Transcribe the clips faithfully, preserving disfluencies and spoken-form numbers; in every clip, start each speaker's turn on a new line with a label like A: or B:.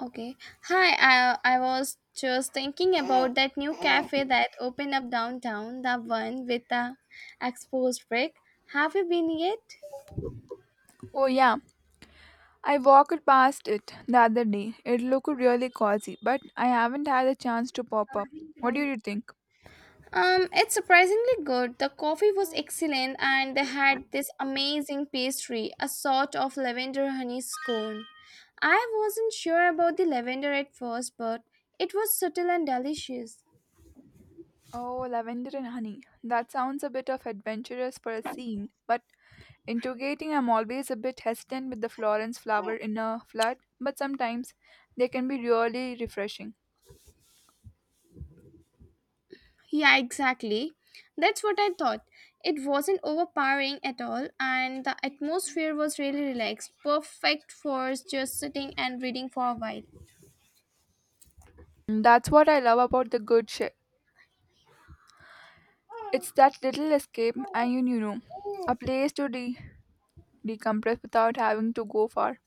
A: Okay. Hi, I I was just thinking about that new cafe that opened up downtown, the one with the exposed brick. Have you been yet?
B: Oh, yeah. I walked past it the other day. It looked really cozy, but I haven't had a chance to pop up. What do you think?
A: Um, it's surprisingly good. The coffee was excellent and they had this amazing pastry, a sort of lavender honey scone. I wasn't sure about the lavender at first, but it was subtle and delicious.
B: Oh, lavender and honey. That sounds a bit of adventurous for a scene, but integrating I'm always a bit hesitant with the Florence flower in a flood, but sometimes they can be really refreshing.
A: Yeah, exactly. That's what I thought. It wasn't overpowering at all, and the atmosphere was really relaxed, perfect for just sitting and reading for a while.
B: And that's what I love about the good shit. It's that little escape and you, you know, a place to de- decompress without having to go far.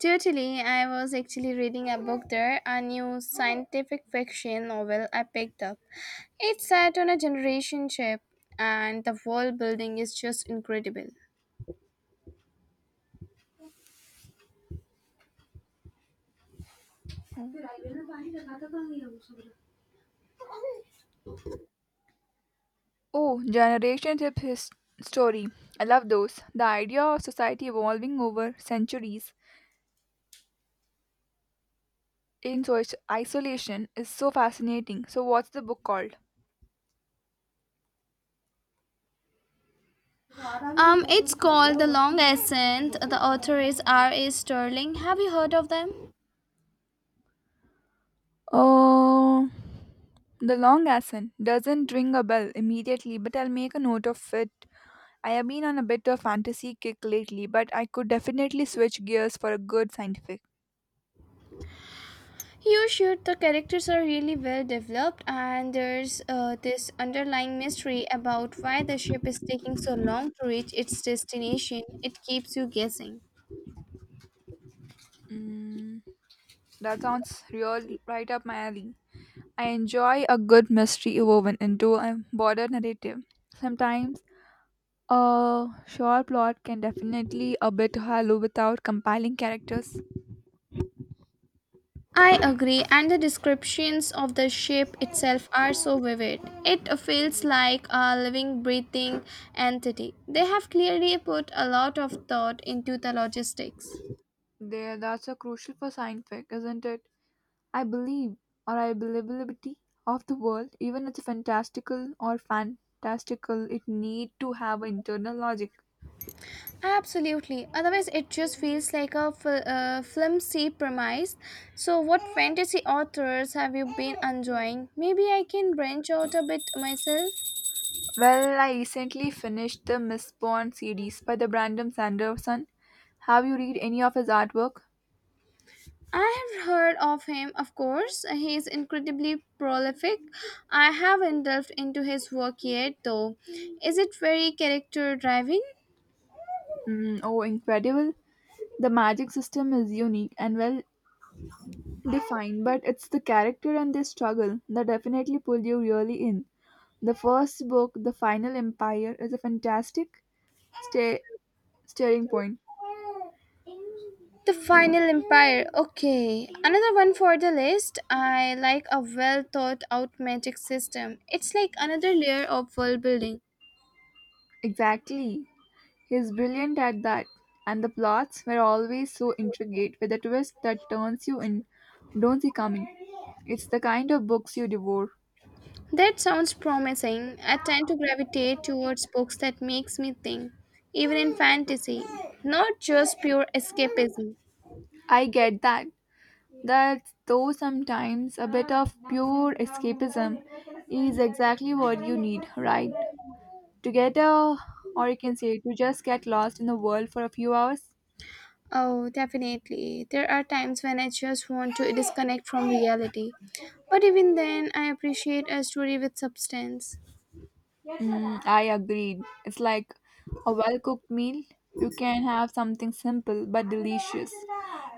A: Totally, I was actually reading a book there, a new scientific fiction novel I picked up. It's set on a generation ship, and the world building is just incredible.
B: Oh, generations of his story. I love those. The idea of society evolving over centuries in so- isolation is so fascinating. So, what's the book called?
A: Um, it's called The Long Ascent. The author is R. A. Sterling. Have you heard of them?
B: Oh, The Long Ascent doesn't ring a bell immediately, but I'll make a note of it. I have been on a bit of fantasy kick lately, but I could definitely switch gears for a good scientific.
A: You should. The characters are really well developed, and there's uh, this underlying mystery about why the ship is taking so long to reach its destination. It keeps you guessing.
B: Mm, that sounds real right up my alley. I enjoy a good mystery woven into a broader narrative. Sometimes a short plot can definitely a bit hollow without compelling characters.
A: I agree, and the descriptions of the ship itself are so vivid. It feels like a living, breathing entity. They have clearly put a lot of thought into the logistics.
B: There, that's a crucial for sci-fi, isn't it? I believe, or I believability of the world, even it's fantastical or fantastical, it need to have internal logic.
A: Absolutely. Otherwise, it just feels like a fl- uh, flimsy premise. So, what fantasy authors have you been enjoying? Maybe I can branch out a bit myself.
B: Well, I recently finished the Mistborn series by the Brandon Sanderson. Have you read any of his artwork?
A: I have heard of him, of course. He is incredibly prolific. I haven't delved into his work yet, though. Is it very character driving?
B: Mm, oh, incredible! The magic system is unique and well defined, but it's the character and their struggle that definitely pull you really in. The first book, The Final Empire, is a fantastic sta- staring point.
A: The Final Empire. Okay, another one for the list. I like a well thought out magic system. It's like another layer of world building.
B: Exactly. He's brilliant at that. And the plots were always so intricate with a twist that turns you in don't see coming. It's the kind of books you devour.
A: That sounds promising. I tend to gravitate towards books that makes me think, even in fantasy, not just pure escapism.
B: I get that. That though sometimes a bit of pure escapism is exactly what you need, right? Together, or you can say to just get lost in the world for a few hours.
A: Oh, definitely. There are times when I just want to disconnect from reality. But even then, I appreciate a story with substance.
B: Mm, I agreed. It's like a well cooked meal. You can have something simple but delicious,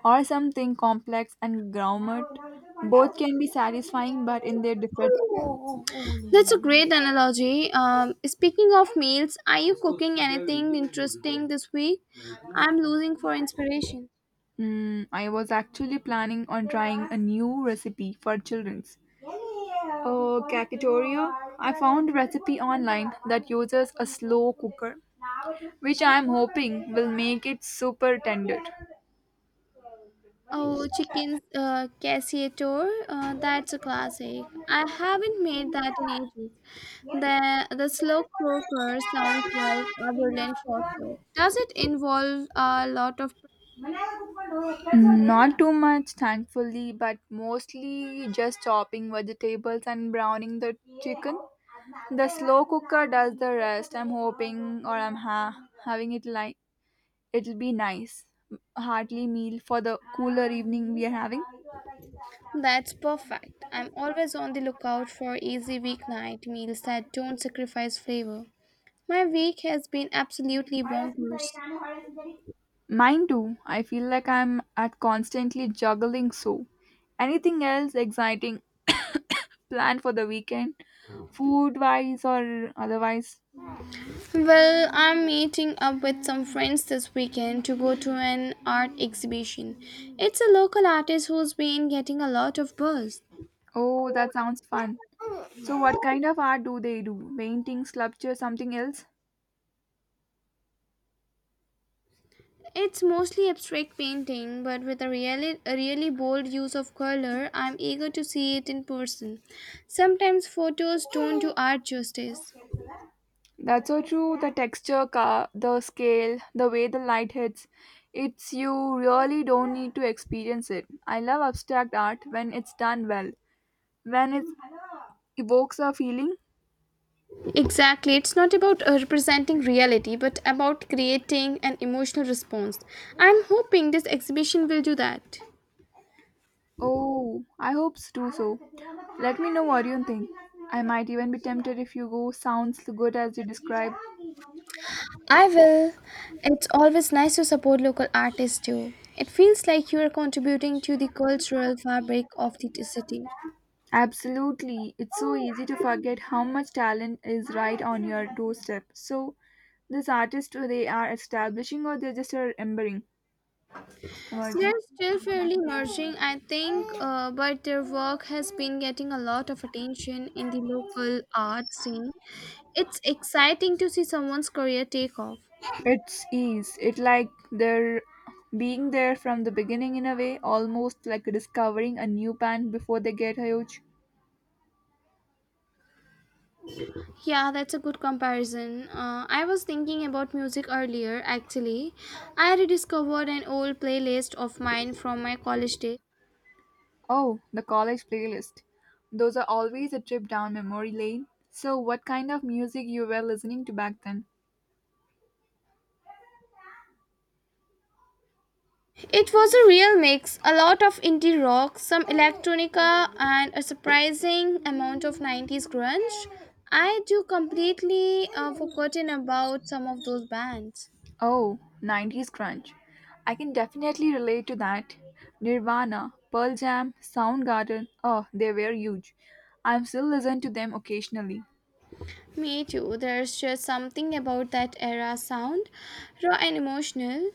B: or something complex and gourmet. Both can be satisfying, but in their different.
A: That's a great analogy. Um, speaking of meals, are you cooking anything interesting this week? I'm losing for inspiration.
B: Mm, I was actually planning on trying a new recipe for children's. Uh, cacatoria. I found a recipe online that uses a slow cooker, which I am hoping will make it super tender.
A: Oh, chicken uh, cassiator, uh, that's a classic. I haven't made that in ages. The the slow cooker sounds like a brilliant shortcut. Does it involve a lot of?
B: Hmm, Not too much, thankfully, but mostly just chopping vegetables and browning the chicken. The slow cooker does the rest. I'm hoping, or I'm ha- having it li- it'll be nice. Heartly meal for the cooler evening we are having.
A: That's perfect. I'm always on the lookout for easy weeknight meals that don't sacrifice flavor. My week has been absolutely bonkers.
B: Mine too. I feel like I'm at constantly juggling so. Anything else exciting planned for the weekend? Food wise or otherwise?
A: Well, I'm meeting up with some friends this weekend to go to an art exhibition. It's a local artist who's been getting a lot of buzz.
B: Oh, that sounds fun. So what kind of art do they do? Painting, sculpture, something else?
A: It's mostly abstract painting, but with a really, a really bold use of color. I'm eager to see it in person. Sometimes photos don't do art justice.
B: That's so true. The texture, ca- the scale, the way the light hits, it's you really don't need to experience it. I love abstract art when it's done well, when it evokes a feeling.
A: Exactly, it's not about uh, representing reality, but about creating an emotional response. I'm hoping this exhibition will do that.
B: Oh, I hope s- do so. Let me know what you think. I might even be tempted if you go. Sounds good as you describe.
A: I will. It's always nice to support local artists too. It feels like you are contributing to the cultural fabric of the city.
B: Absolutely. It's so easy to forget how much talent is right on your doorstep. So, this artist, they are establishing or they're just are embering, emerging.
A: They're still fairly emerging, I think, uh, but their work has been getting a lot of attention in the local art scene. It's exciting to see someone's career take off.
B: It's ease. It like they're being there from the beginning in a way, almost like discovering a new band before they get huge.
A: Yeah, that's a good comparison. Uh, I was thinking about music earlier, actually. I rediscovered an old playlist of mine from my college days.
B: Oh, the college playlist. Those are always a trip down memory lane. So, what kind of music you were listening to back then?
A: It was a real mix, a lot of indie rock, some electronica, and a surprising amount of nineties grunge. I do completely uh, forgotten about some of those bands.
B: Oh, nineties grunge. I can definitely relate to that. Nirvana, Pearl Jam, Soundgarden, oh, they were huge. I still listen to them occasionally.
A: Me too. There's just something about that era sound, raw and emotional.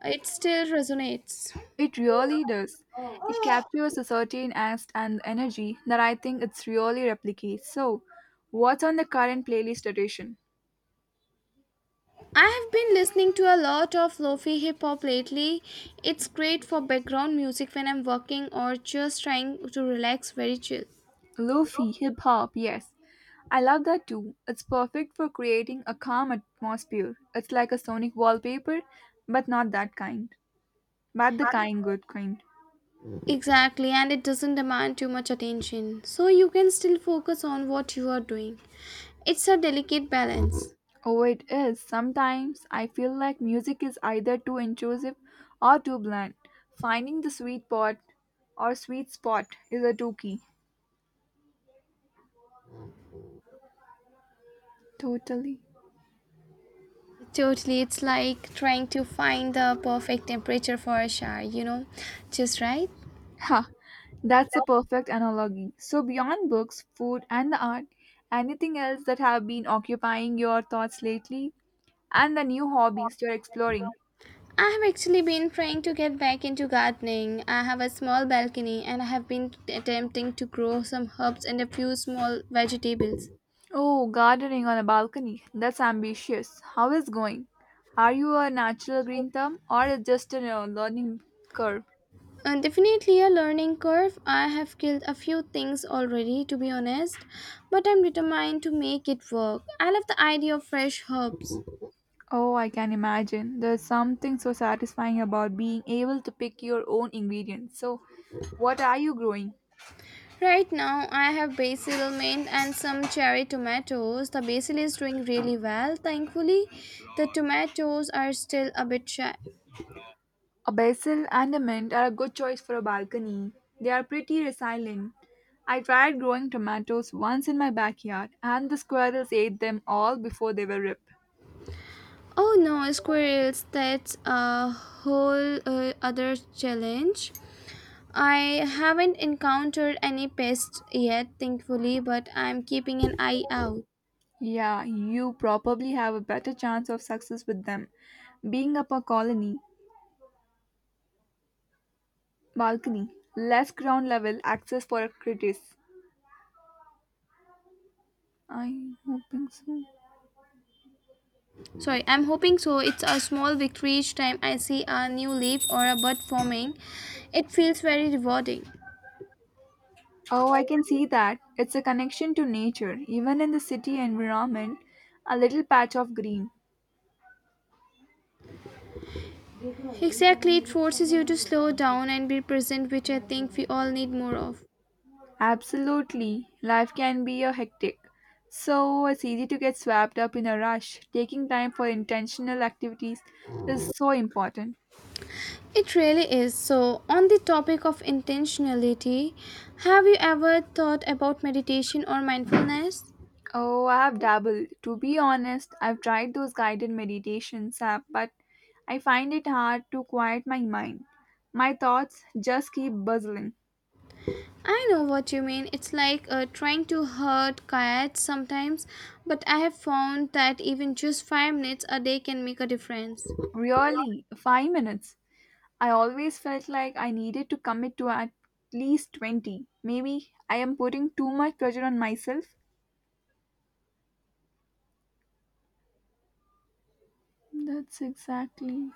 A: It still resonates.
B: It really does. It captures a certain angst and energy that I think it's really replicates. So, what's on the current playlist edition?
A: I have been listening to a lot of lofi hip hop lately. It's great for background music when I'm working or just trying to relax very chill.
B: Lofi, hip hop, yes. I love that too. It's perfect for creating a calm atmosphere. It's like a sonic wallpaper, but not that kind. But the kind good kind.
A: Exactly, and it doesn't demand too much attention, so you can still focus on what you are doing. It's a delicate balance.
B: Oh, it is. Sometimes I feel like music is either too intrusive or too blunt. Finding the sweet spot or sweet spot is a two key. Totally.
A: Totally, it's like trying to find the perfect temperature for a shower, you know, just right.
B: Ha, that's a perfect analogy. So beyond books, food and the art, anything else that have been occupying your thoughts lately and the new hobbies you're exploring?
A: I have actually been trying to get back into gardening. I have a small balcony and I have been attempting to grow some herbs and a few small vegetables.
B: Oh, gardening on a balcony. That's ambitious. How is going? Are you a natural green thumb or is just a you know, learning curve?
A: Uh, definitely a learning curve. I have killed a few things already, to be honest, but I'm determined to make it work. I love the idea of fresh herbs.
B: Oh, I can imagine. There's something so satisfying about being able to pick your own ingredients. So, what are you growing?
A: Right now, I have basil, mint, and some cherry tomatoes. The basil is doing really well, thankfully. The tomatoes are still a bit shy.
B: A basil and a mint are a good choice for a balcony. They are pretty resilient. I tried growing tomatoes once in my backyard, and the squirrels ate them all before they were ripe.
A: Oh no, squirrels, that's a whole uh, other challenge. I haven't encountered any pests yet, thankfully, but I'm keeping an eye out.
B: Yeah, you probably have a better chance of success with them. Being up a colony, balcony, less ground level access for critics. I hoping so.
A: Sorry, I'm hoping so. It's a small victory each time I see a new leaf or a bud forming. It feels very rewarding.
B: Oh, I can see that. It's a connection to nature, even in the city environment, a little patch of green.
A: Exactly, it forces you to slow down and be present, which I think we all need more of.
B: Absolutely. Life can be a hectic. So it's easy to get swapped up in a rush. Taking time for intentional activities is so important.
A: It really is. So, on the topic of intentionality, have you ever thought about meditation or mindfulness?
B: Oh, I have dabbled. To be honest, I've tried those guided meditations app, but I find it hard to quiet my mind. My thoughts just keep buzzing.
A: I know what you mean. It's like uh, trying to herd cats sometimes, but I have found that even just five minutes a day can make a difference.
B: Really, five minutes. I always felt like I needed to commit to at least twenty. Maybe I am putting too much pressure on myself. That's exactly.